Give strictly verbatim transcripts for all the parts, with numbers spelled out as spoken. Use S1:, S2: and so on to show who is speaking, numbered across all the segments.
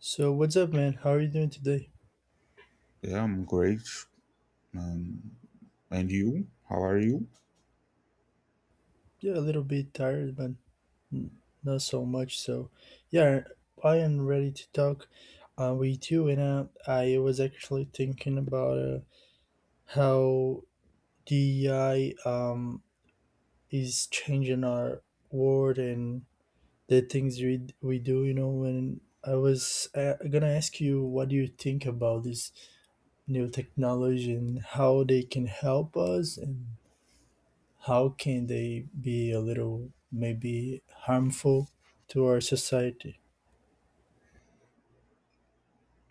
S1: So what's up, man? How are you doing today?
S2: Yeah, I'm great. Um, and you? How are you?
S1: Yeah, a little bit tired, but n- not so much. So, yeah, I am ready to talk uh, with you. And uh, I was actually thinking about uh, how D E I um, is changing our world and the things we d- we do. You know, and I was uh, gonna ask you, what do you think about this new technology and how they can help us and how can they be a little maybe harmful to our society?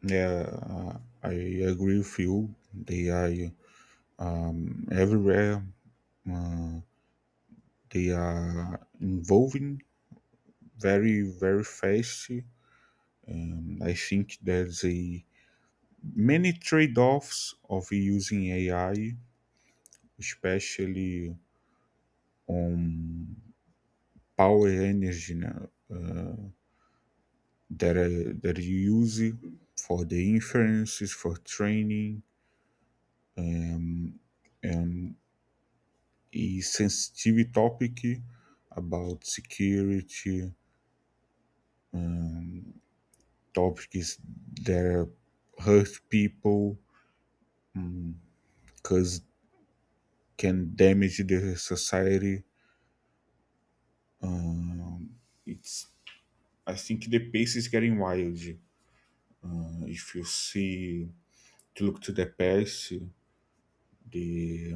S2: Yeah, uh, I agree with you. They are um, everywhere. Uh, they are involving very, very fast. Um, I think there's a many trade-offs of using A I, especially on power energy now, uh, that, uh, that you use it for the inferences, for training, a sensitive topic about security, topics that hurt people because can damage the society. It's I think the pace is getting wild. Uh, If you see to look to the past, the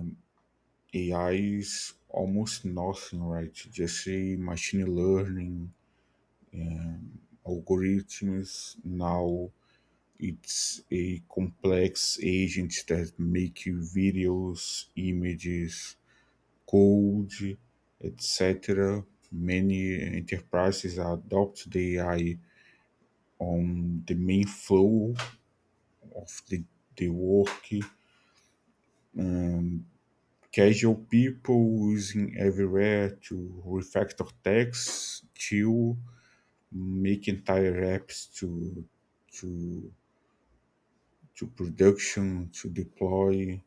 S2: A I is almost nothing, right? Just say machine learning, algorithms, now it's a complex agent that make you videos, images, code, et cetera. Many enterprises adopt the A I on the main flow of the, the work. Casual people using everywhere to refactor text to make entire apps to to to production to deploy.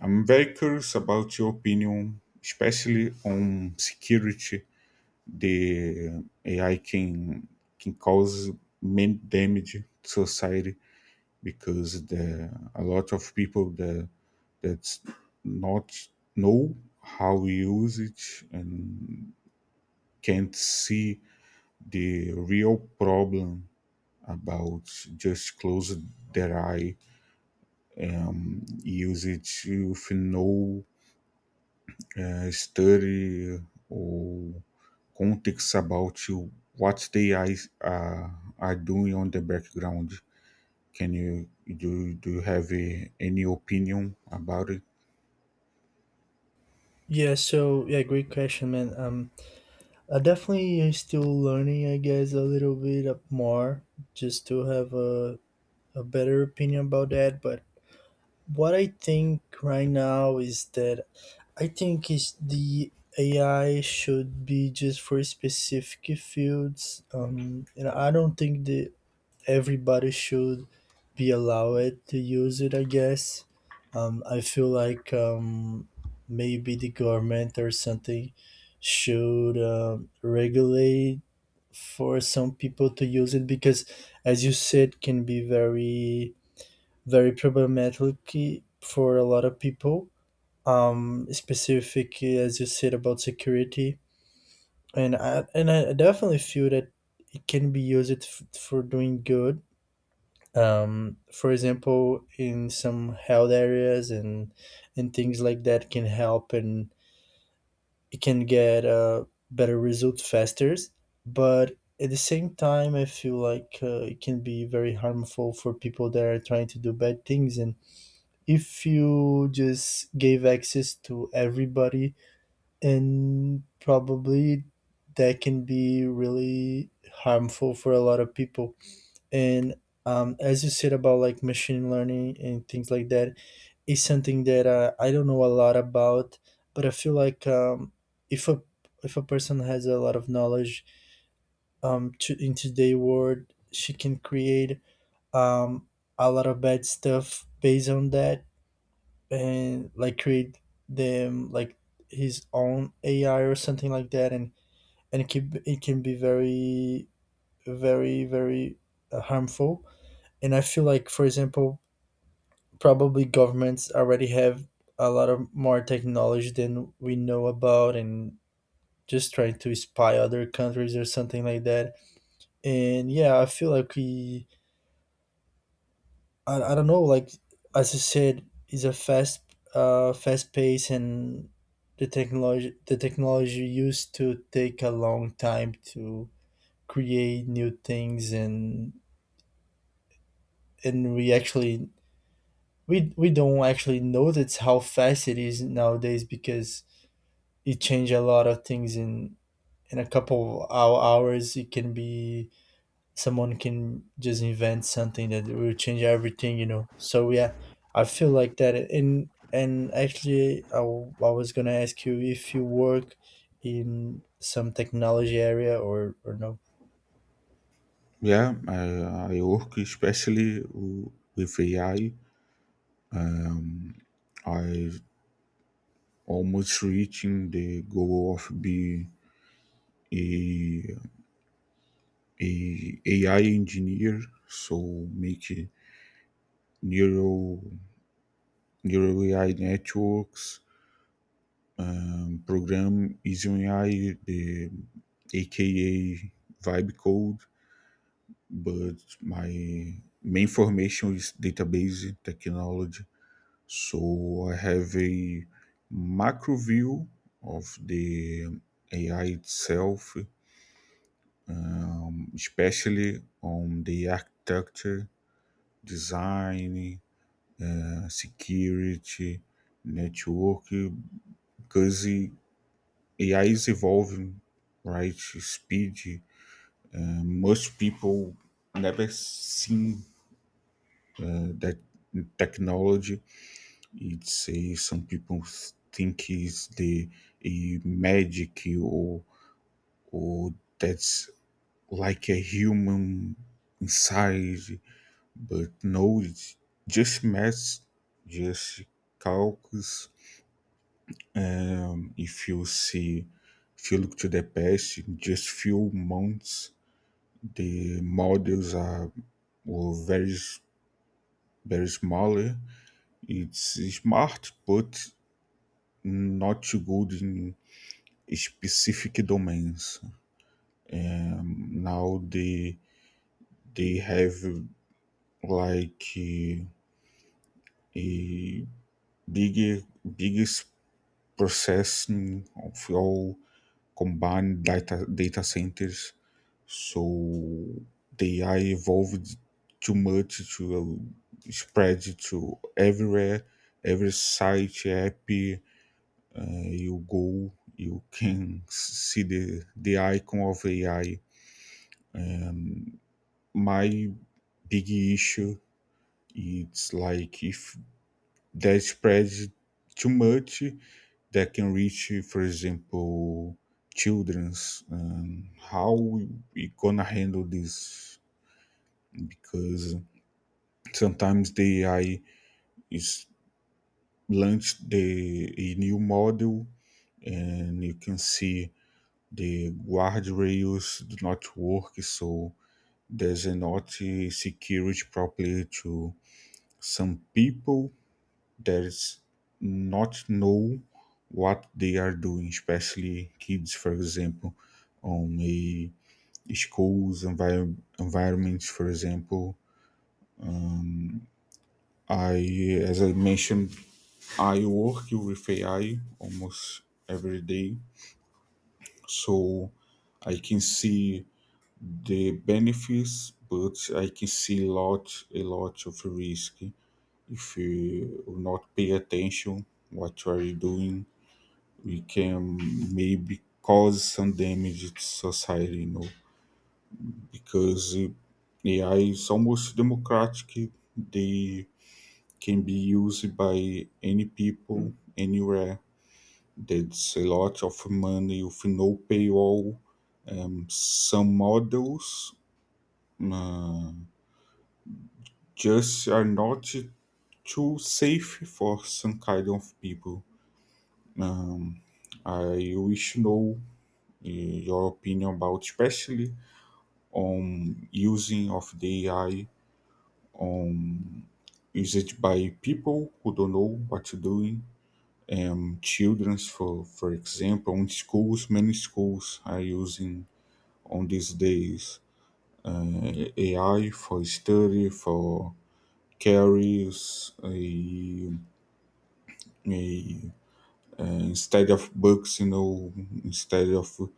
S2: I'm very curious about your opinion, especially on security. The A I can can cause many damage to society because the a lot of people that that's not know how we use it and can't see the real problem about just close their eye, use it with no I study or context about you, what they are, uh, are doing on the background. Can you do do you have a, any opinion about it?
S1: Yeah, so yeah, great question, man. Um, I definitely am still learning, I guess, a little bit up more just to have a, a better opinion about that. But what I think right now is that I think is the A I should be just for specific fields. Um, and I don't think the everybody should be allowed to use it, I guess. Um, I feel like um, maybe the government or something should um, regulate for some people to use it because, as you said, can be very, very problematic for a lot of people. Um, specifically, as you said about security, and I and I definitely feel that it can be used f- for doing good um, for example in some health areas and and things like that can help and it can get uh, better results faster. But at the same time I feel like uh, it can be very harmful for people that are trying to do bad things. And if you just gave access to everybody and probably that can be really harmful for a lot of people. And um, as you said about like machine learning and things like that, is something that uh, I don't know a lot about. But I feel like um, if a if a person has a lot of knowledge um, to, in today's world she can create um, a lot of bad stuff based on that. And like create them like his own AI or something like that. And and it can, it can be very very very uh, harmful. And I feel like, for example, probably governments already have a lot of more technology than we know about, and just trying to spy other countries or something like that. And yeah, I feel like we, I, I don't know, like as you said, is a fast, uh, fast pace. And the technology, the technology used to take a long time to create new things. and and we actually we we don't actually notice how fast it is nowadays, because it changed a lot of things in in a couple of hou- hours. It can be someone can just invent something that will change everything, you know? So yeah, I feel like that. and and actually i, w- I was gonna ask you if you work in some technology area or or no.
S2: Yeah, I, I work especially w- with A I. I I almost reaching the goal of be a, a AI engineer, so make neural neural A I networks program isn't I the A K A vibe code, but my main formation is database technology. So I have a macro view of the A I itself, especially on the architecture, design, uh, security, network, because A I is evolving, right? Speed, most people never seen that technology. It's a, some people think is the a magic or or that's like a human inside, but no, it's just math, just calculus. If you see, if you look to the past, in just few months, the models are were very s- very smaller. It's smart, but not good in specific domains. Now they they have like uh, a bigger biggest processing of all combined data data centers. So the A I evolved too much to uh, spread to everywhere, every site, app, you go, you can see the, the icon of A I. My big issue it's like if that spreads too much, that can reach, for example, children's. Um, how we, gonna handle this? Because sometimes the A I is launched the a new model, and you can see the guardrails do not work, so there's not author secured properly to some people that is not know what they are doing, especially kids, for example, on a school's envir- environments, for example. I, as I mentioned, I work with A I almost every day, so I can see the benefits, but I can see lot, a lot of risk. If you will not pay attention what you are doing, we can maybe cause some damage to society, you know, because uh, A I is almost democratic. They can be used by any people, anywhere. There's a lot of money with no paywall. Um, some models uh, just are not too safe for some kind of people. Um, I wish to know eh, your opinion about, especially on using of the A I on usage by people who don't know what to do. Um, childrens, for for example, in schools, many schools are using on these days uh, A I for study for carries a, a instead of books, you know, instead of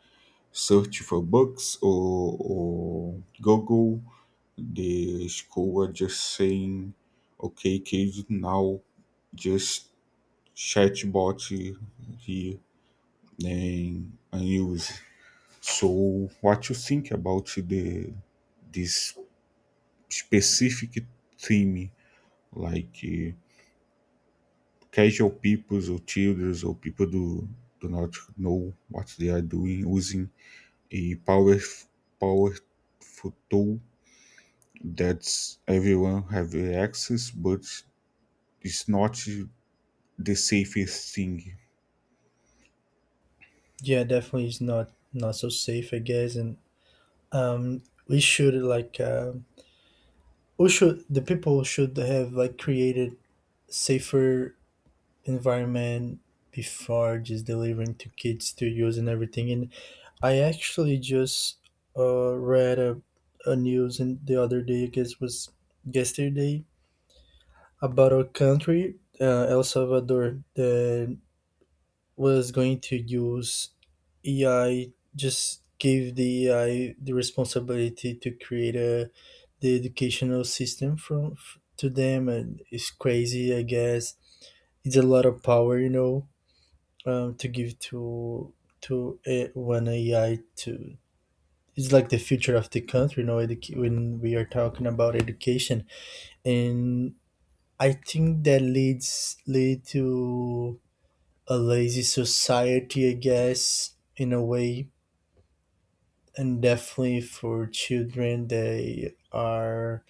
S2: search for books or, or Google, the school are just saying, okay, kids, now just chatbot here and, and use. So, what you think about the this specific theme, like uh, casual peoples or children or people do do not know what they are doing using a power powerful tool that's everyone have access, but it's not the safest thing.
S1: Yeah, definitely it's not not so safe, I guess. And um we should like um we should the people should have like created safer environment before just delivering to kids to use and everything. And I actually just uh, read a, a news in the other day, I guess was yesterday, about a country, uh, El Salvador, that was going to use A I, just give the A I the responsibility to create a, the educational system from f- to them. And it's crazy. I guess it's a lot of power, you know, um, to give to to a, one A I to. It's like the future of the country, you know, educa- when we are talking about education. And I think that leads lead to a lazy society, I guess, in a way. And definitely for children, they are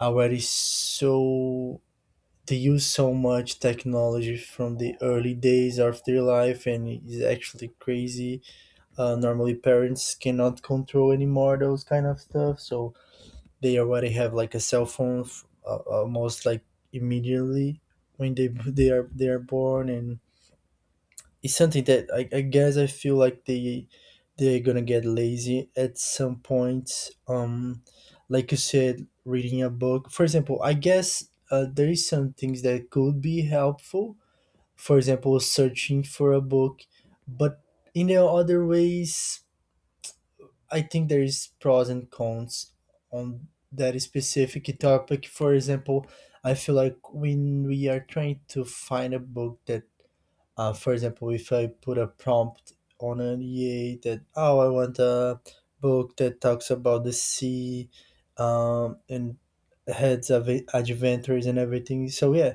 S1: already so, they use so much technology from the early days of their life, and it's actually crazy. Uh, normally, parents cannot control anymore those kind of stuff. So they already have like a cell phone f- uh, almost like immediately when they they are they are born. And it's something that I, I guess I feel like they they're gonna get lazy at some point. Um, like you said, reading a book, for example. I guess uh, there is some things that could be helpful. For example, searching for a book. But in the other ways, I think there is pros and cons on that specific topic. For example, I feel like when we are trying to find a book that, uh, for example, if I put a prompt on an E A that, oh, I want a book that talks about the sea um, and heads of it- adventures and everything. So yeah,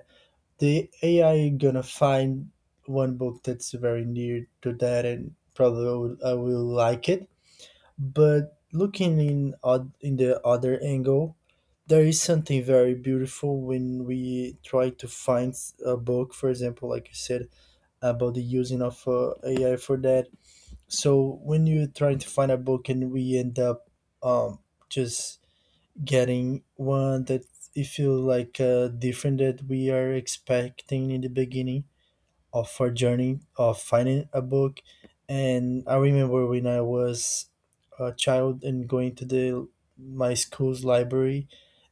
S1: the A I gonna find one book that's very near to that, and probably I will, I will like it. But looking in oth- in the other angle, there is something very beautiful when we try to find s- a book, for example, like you said, about the using of uh, A I for that. So when you're trying to find a book and we end up um, just getting one that it feels like uh, different that we are expecting in the beginning, of our journey of finding a book. And I remember when I was a child and going to the my school's library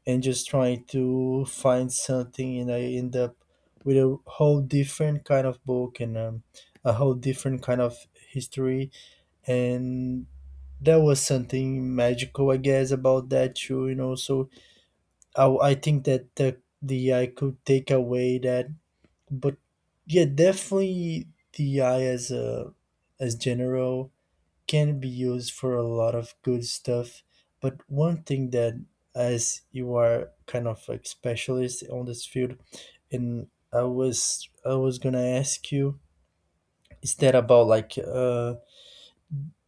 S1: and just trying to find something, and I end up with a whole different kind of book, and um, a whole different kind of history. And there was something magical, I guess, about that too. You know, so I, I think that the the I could take away that. But yeah, definitely the A I as a as general can be used for a lot of good stuff. But one thing that, as you are kind of like specialist on this field, and I was I was gonna ask you is that about like uh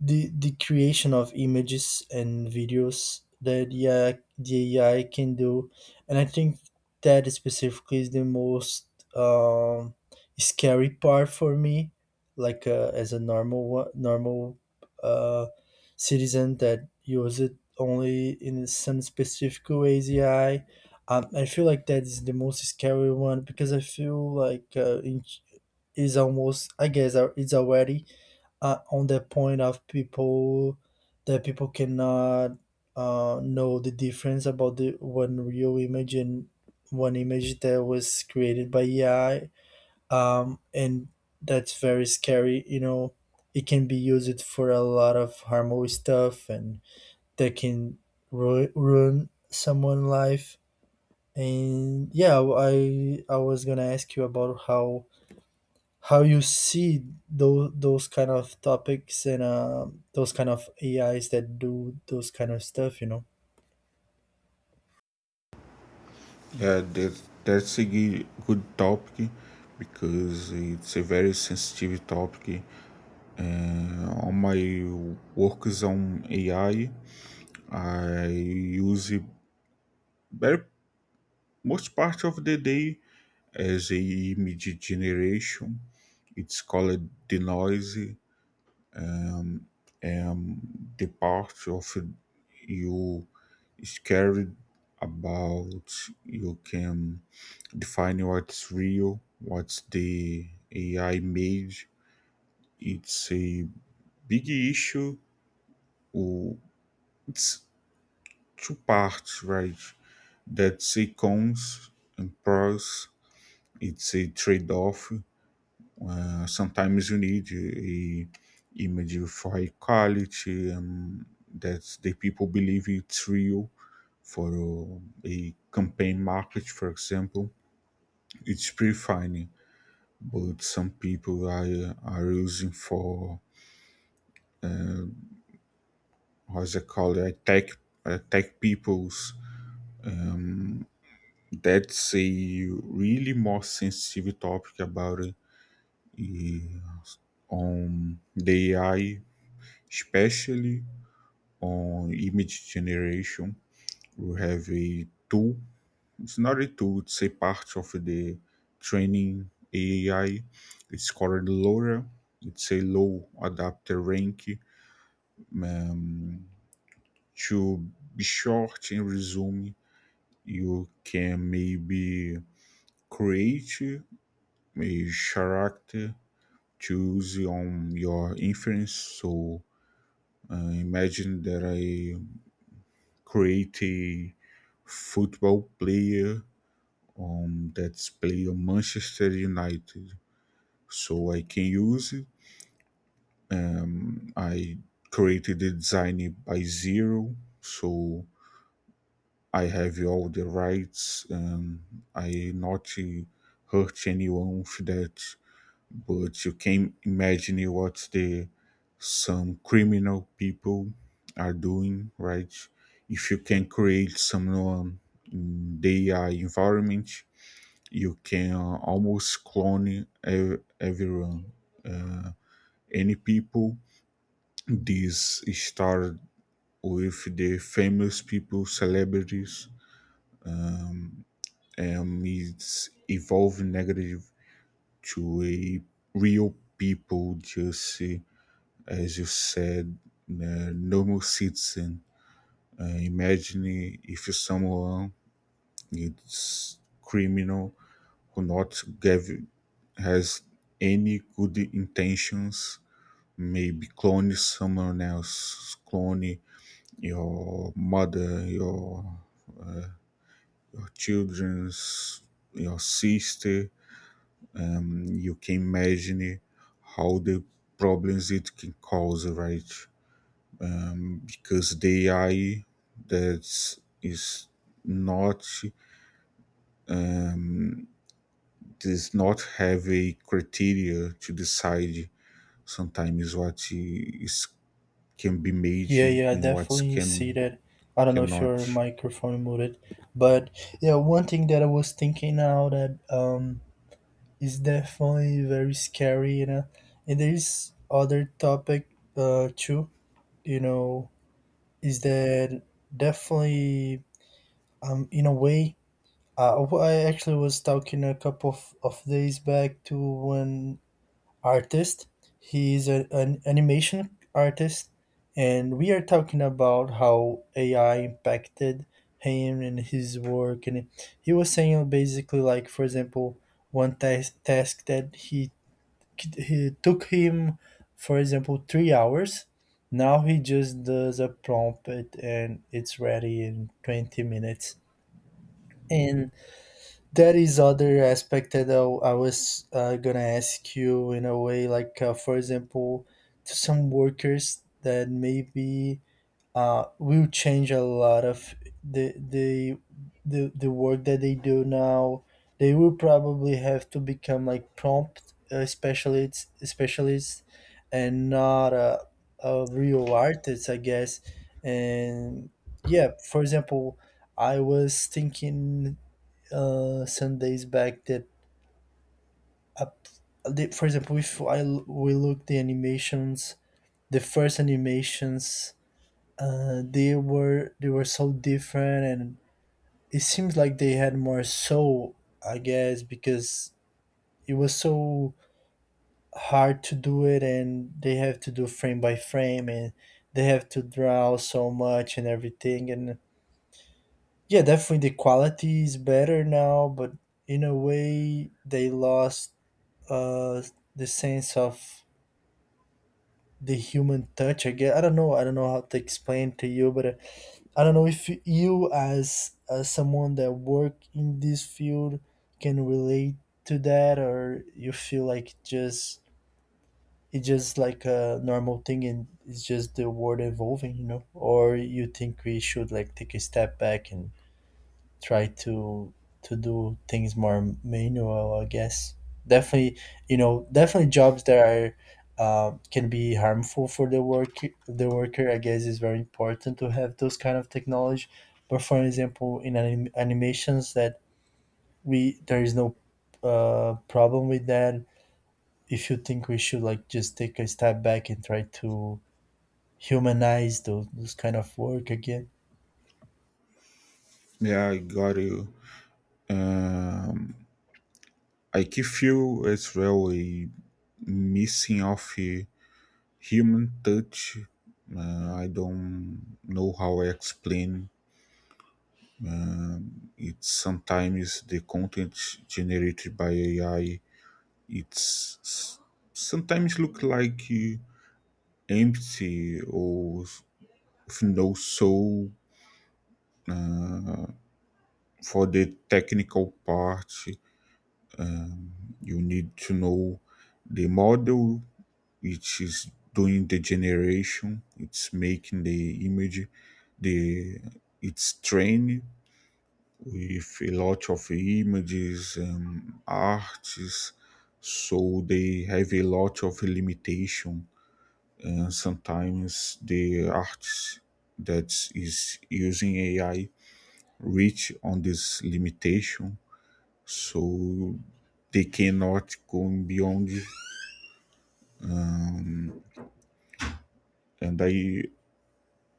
S1: the the creation of images and videos that yeah the A I can do. And I think that specifically is the most um, scary part for me, like uh, as a normal wa- normal uh, citizen that use it only in some specific ways. A I, um, I feel like that is the most scary one, because I feel like uh, in, is almost, I guess, uh, it's already uh, on the point of people that people cannot uh, know the difference about the one real image and one image that was created by A I. Um, and that's very scary. You know, it can be used for a lot of harmful stuff, and that can ru- ruin someone's life. And yeah, I I was gonna ask you about how how you see those those kind of topics, and um those kind of A Is that do those kind of stuff, you know.
S2: Yeah, that that's a g- good topic because it's a very sensitive topic. Uh, on my works on A I, I I use it very most part of the day as a image generation. It's called the noise and the part of you is carried about. You can define what's real, what's the A I made. It's a big issue. Or It's two parts, right? That's a cons and pros. It's a trade-off. Uh, sometimes you need a image of high quality and that the people believe it's real for uh, a campaign market, for example. It's pretty fine, but some people are, are using for what's it called attack attack people's. That's a really more sensitive topic about it, eh, on the A I, especially on image generation. We have a tool. It's not a tool. It's a part of the training A I. It's called LoRa. It's a low adapter rank. Um, to be short and resume, you can maybe create a character choose on your inference. So uh, imagine that I create a football player um, that's play on Manchester United. So I can use it. Um, I created the design by zero. So I have all the rights and I not uh, hurt anyone for that. But you can imagine what the some criminal people are doing, right? If you can create someone in their environment, you can almost clone ev- everyone, uh, any people. This start with the famous people, celebrities. Um, um, it's evolved negative to a real people, just uh, as you said, uh, normal citizen. Uh, imagine if someone is criminal who not gave has any good intentions, maybe clone someone else, clone your mother, your your children's, your sister, um, you can imagine how the problems it can cause, right? Um, because the A I that is not does not have a criteria to decide sometimes what is can be made
S1: Yeah, yeah, I
S2: and what
S1: definitely see
S2: can
S1: that. I don't know if
S2: cannot.
S1: your microphone muted, but yeah, one thing that I was thinking now that um is definitely very scary, you know. And there's other topic uh too, you know, is that definitely um in a way. Uh, w- I actually was talking a couple of, of days back to one artist. He is a, an animation artist, and we are talking about how A I impacted him and his work. And he was saying basically, like for example, one task task that he he took him, for example, three hours. Now he just does a prompt and it's ready in twenty minutes. And there is other aspect that I, I was uh, gonna ask you in a way, like uh, for example, to some workers that maybe uh, will change a lot of the the the the work that they do now. They will probably have to become like prompt uh, specialists, specialists, and not a, a real artist, I guess. And yeah, for example, I was thinking uh, some days back that up, the, for example, if I l- we look the animations the first animations, uh, they were they were so different. And it seems like they had more soul, I guess, because it was so hard to do it, and they have to do frame by frame, and they have to draw so much and everything. And yeah, definitely the quality is better now, but in a way they lost uh the sense of the human touch, I guess. I don't know, I don't know how to explain to you. But uh, I don't know if you as as someone that work in this field can relate to that, or you feel like just it's just like a normal thing and it's just the world evolving, you know? Or you think we should like take a step back and try to to do things more manual, I guess. Definitely, you know, definitely jobs that are uh, can be harmful for the work the worker. I guess is very important to have those kind of technology. But for example, in anim- animations, that we there is no uh, problem with that. If you think we should like just take a step back and try to humanize those, those kind of work again.
S2: Yeah, I got you. Uh, I can feel as well a missing of a human touch. Uh, I don't know how I explain it. Sometimes the content generated by A I, it's s- sometimes look like uh, empty or with no soul. For the technical part, you need to know the model which is doing the generation. It's making the image. The It's trained with a lot of images and arts, so they have a lot of limitation, and sometimes the arts that is using ai reach on this limitation, so they cannot go beyond. And I,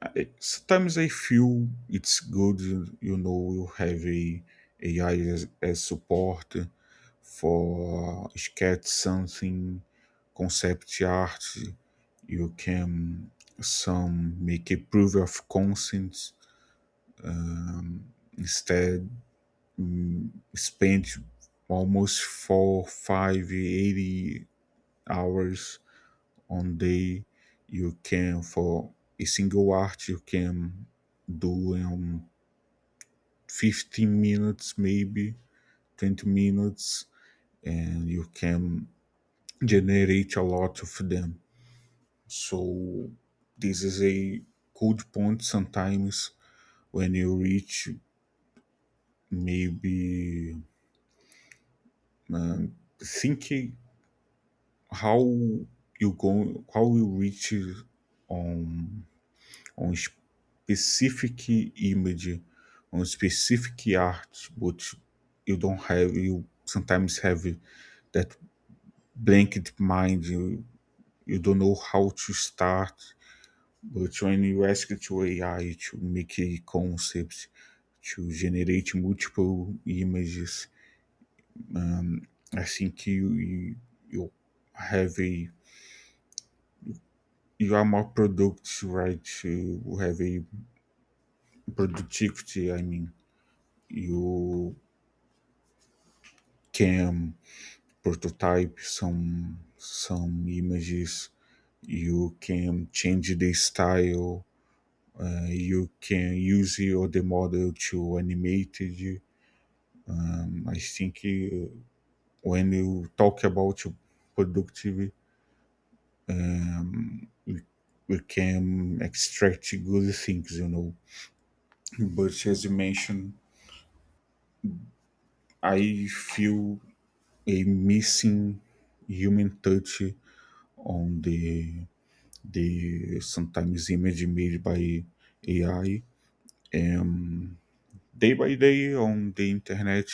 S2: I sometimes I feel it's good, you know, you have a ai as, as support for sketch something concept art. You can some make a proof of concept instead spend almost four five, eighty hours on day. You can for a single art you can do in fifteen minutes maybe twenty minutes, and you can generate a lot of them. So this is a good point sometimes when you reach maybe uh, thinking how you go how you reach on specific image on specific art, but you don't have you sometimes have that blanket mind, you, you don't know how to start. But when you ask to A I to make a concept, to generate multiple images, I think you you, you have a you are more productive, right? You have a productivity. I mean, you can prototype some some images. You can change the style. Uh, you can use the other model to animate it. I think uh, when you talk about productivity, we can extract good things, you know, but as you mentioned I feel a missing human touch on the the sometimes image made by ai day by day. On the internet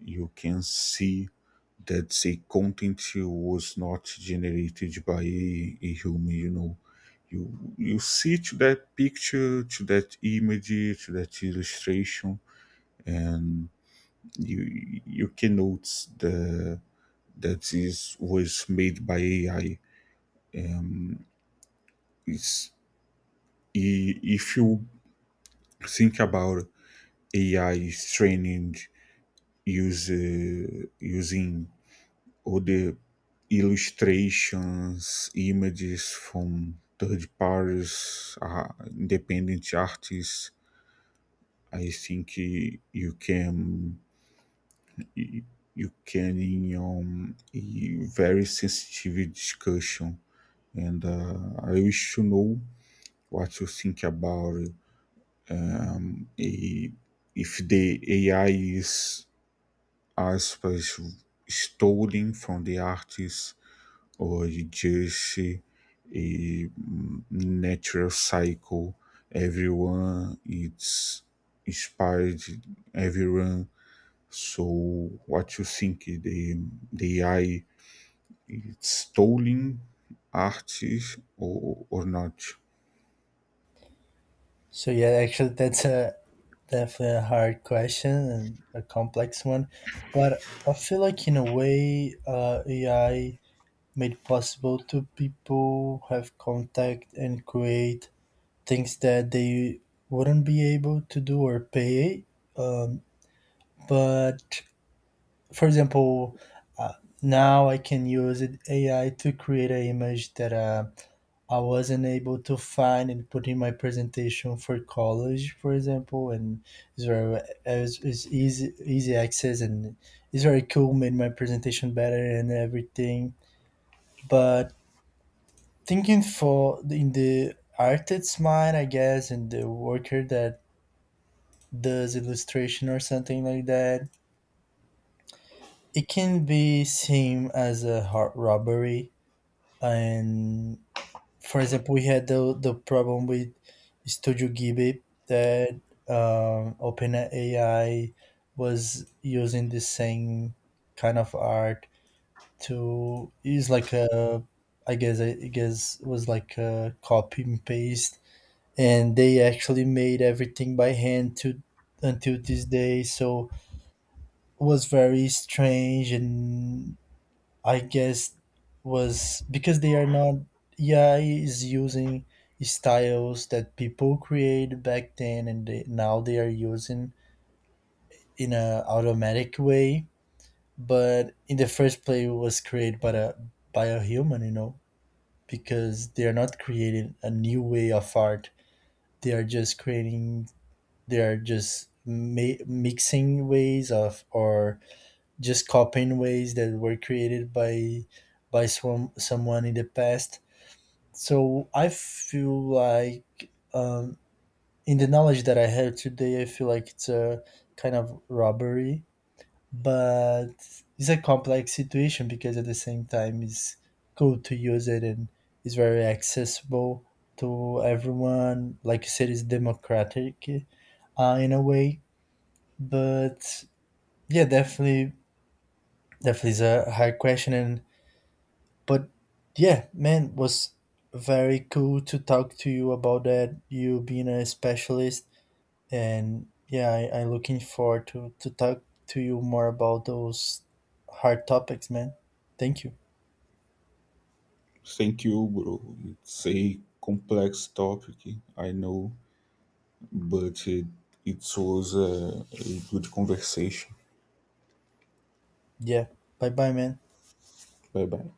S2: you can see that say content was not generated by a, a human, you know. You you see to that picture, to that image, to that illustration, you you can notice the that is was made by ai. It's, i- if you think about ai is training use, uh, using or the illustrations, images from third parties, uh, independent artists. I think uh, you can you can in um, a very sensitive discussion, and uh, I wish to know what you think about it. Eh, if the A I is aspas stolen from the artists or Jersey, a natural cycle. Everyone it's inspired. Everyone. So what you think? The the A I it's stolen artists or, or not?
S1: So yeah, actually, that's a definitely a hard question and a complex one. But I feel like in a way, uh, A I made possible to people have contact and create things that they wouldn't be able to do or pay. Um, but for example, uh, now I can use it, A I to create an image that uh, I wasn't able to find and put in my presentation for college, for example. And it's very it's, it's easy easy access, and it's very cool. Made my presentation better and everything. But thinking for in the artist's mind, I guess, and the worker that does illustration or something like that, it can be seen as a heart robbery. And for example, we had the the problem with Studio Ghibli, that um, OpenAI was using the same kind of art to use like a, I guess I guess was like a copy and paste, and they actually made everything by hand to until this day. So it was very strange. And I guess was because they are not A I is using styles that people created back then, and they, now they are using in a automatic way. But in the first play it was created by a by a human, you know, because they are not creating a new way of art. They are just creating, they are just ma- mixing ways of or just copying ways that were created by by some, someone in the past. So I feel like um, in the knowledge that I have today, I feel like it's a kind of robbery. But it's a complex situation, because at the same time it's cool to use it and it's very accessible to everyone. Like you said, it's democratic uh, in a way. But yeah, definitely, definitely is a hard question. And but yeah, man, was very cool to talk to you about that. You being a specialist, and yeah, I, I looking forward to to talk to you more about those hard topics, man. Thank you.
S2: Thank you, bro. It's a complex topic, I know, but it, it was a, a good conversation.
S1: Yeah, bye bye, man.
S2: Bye bye.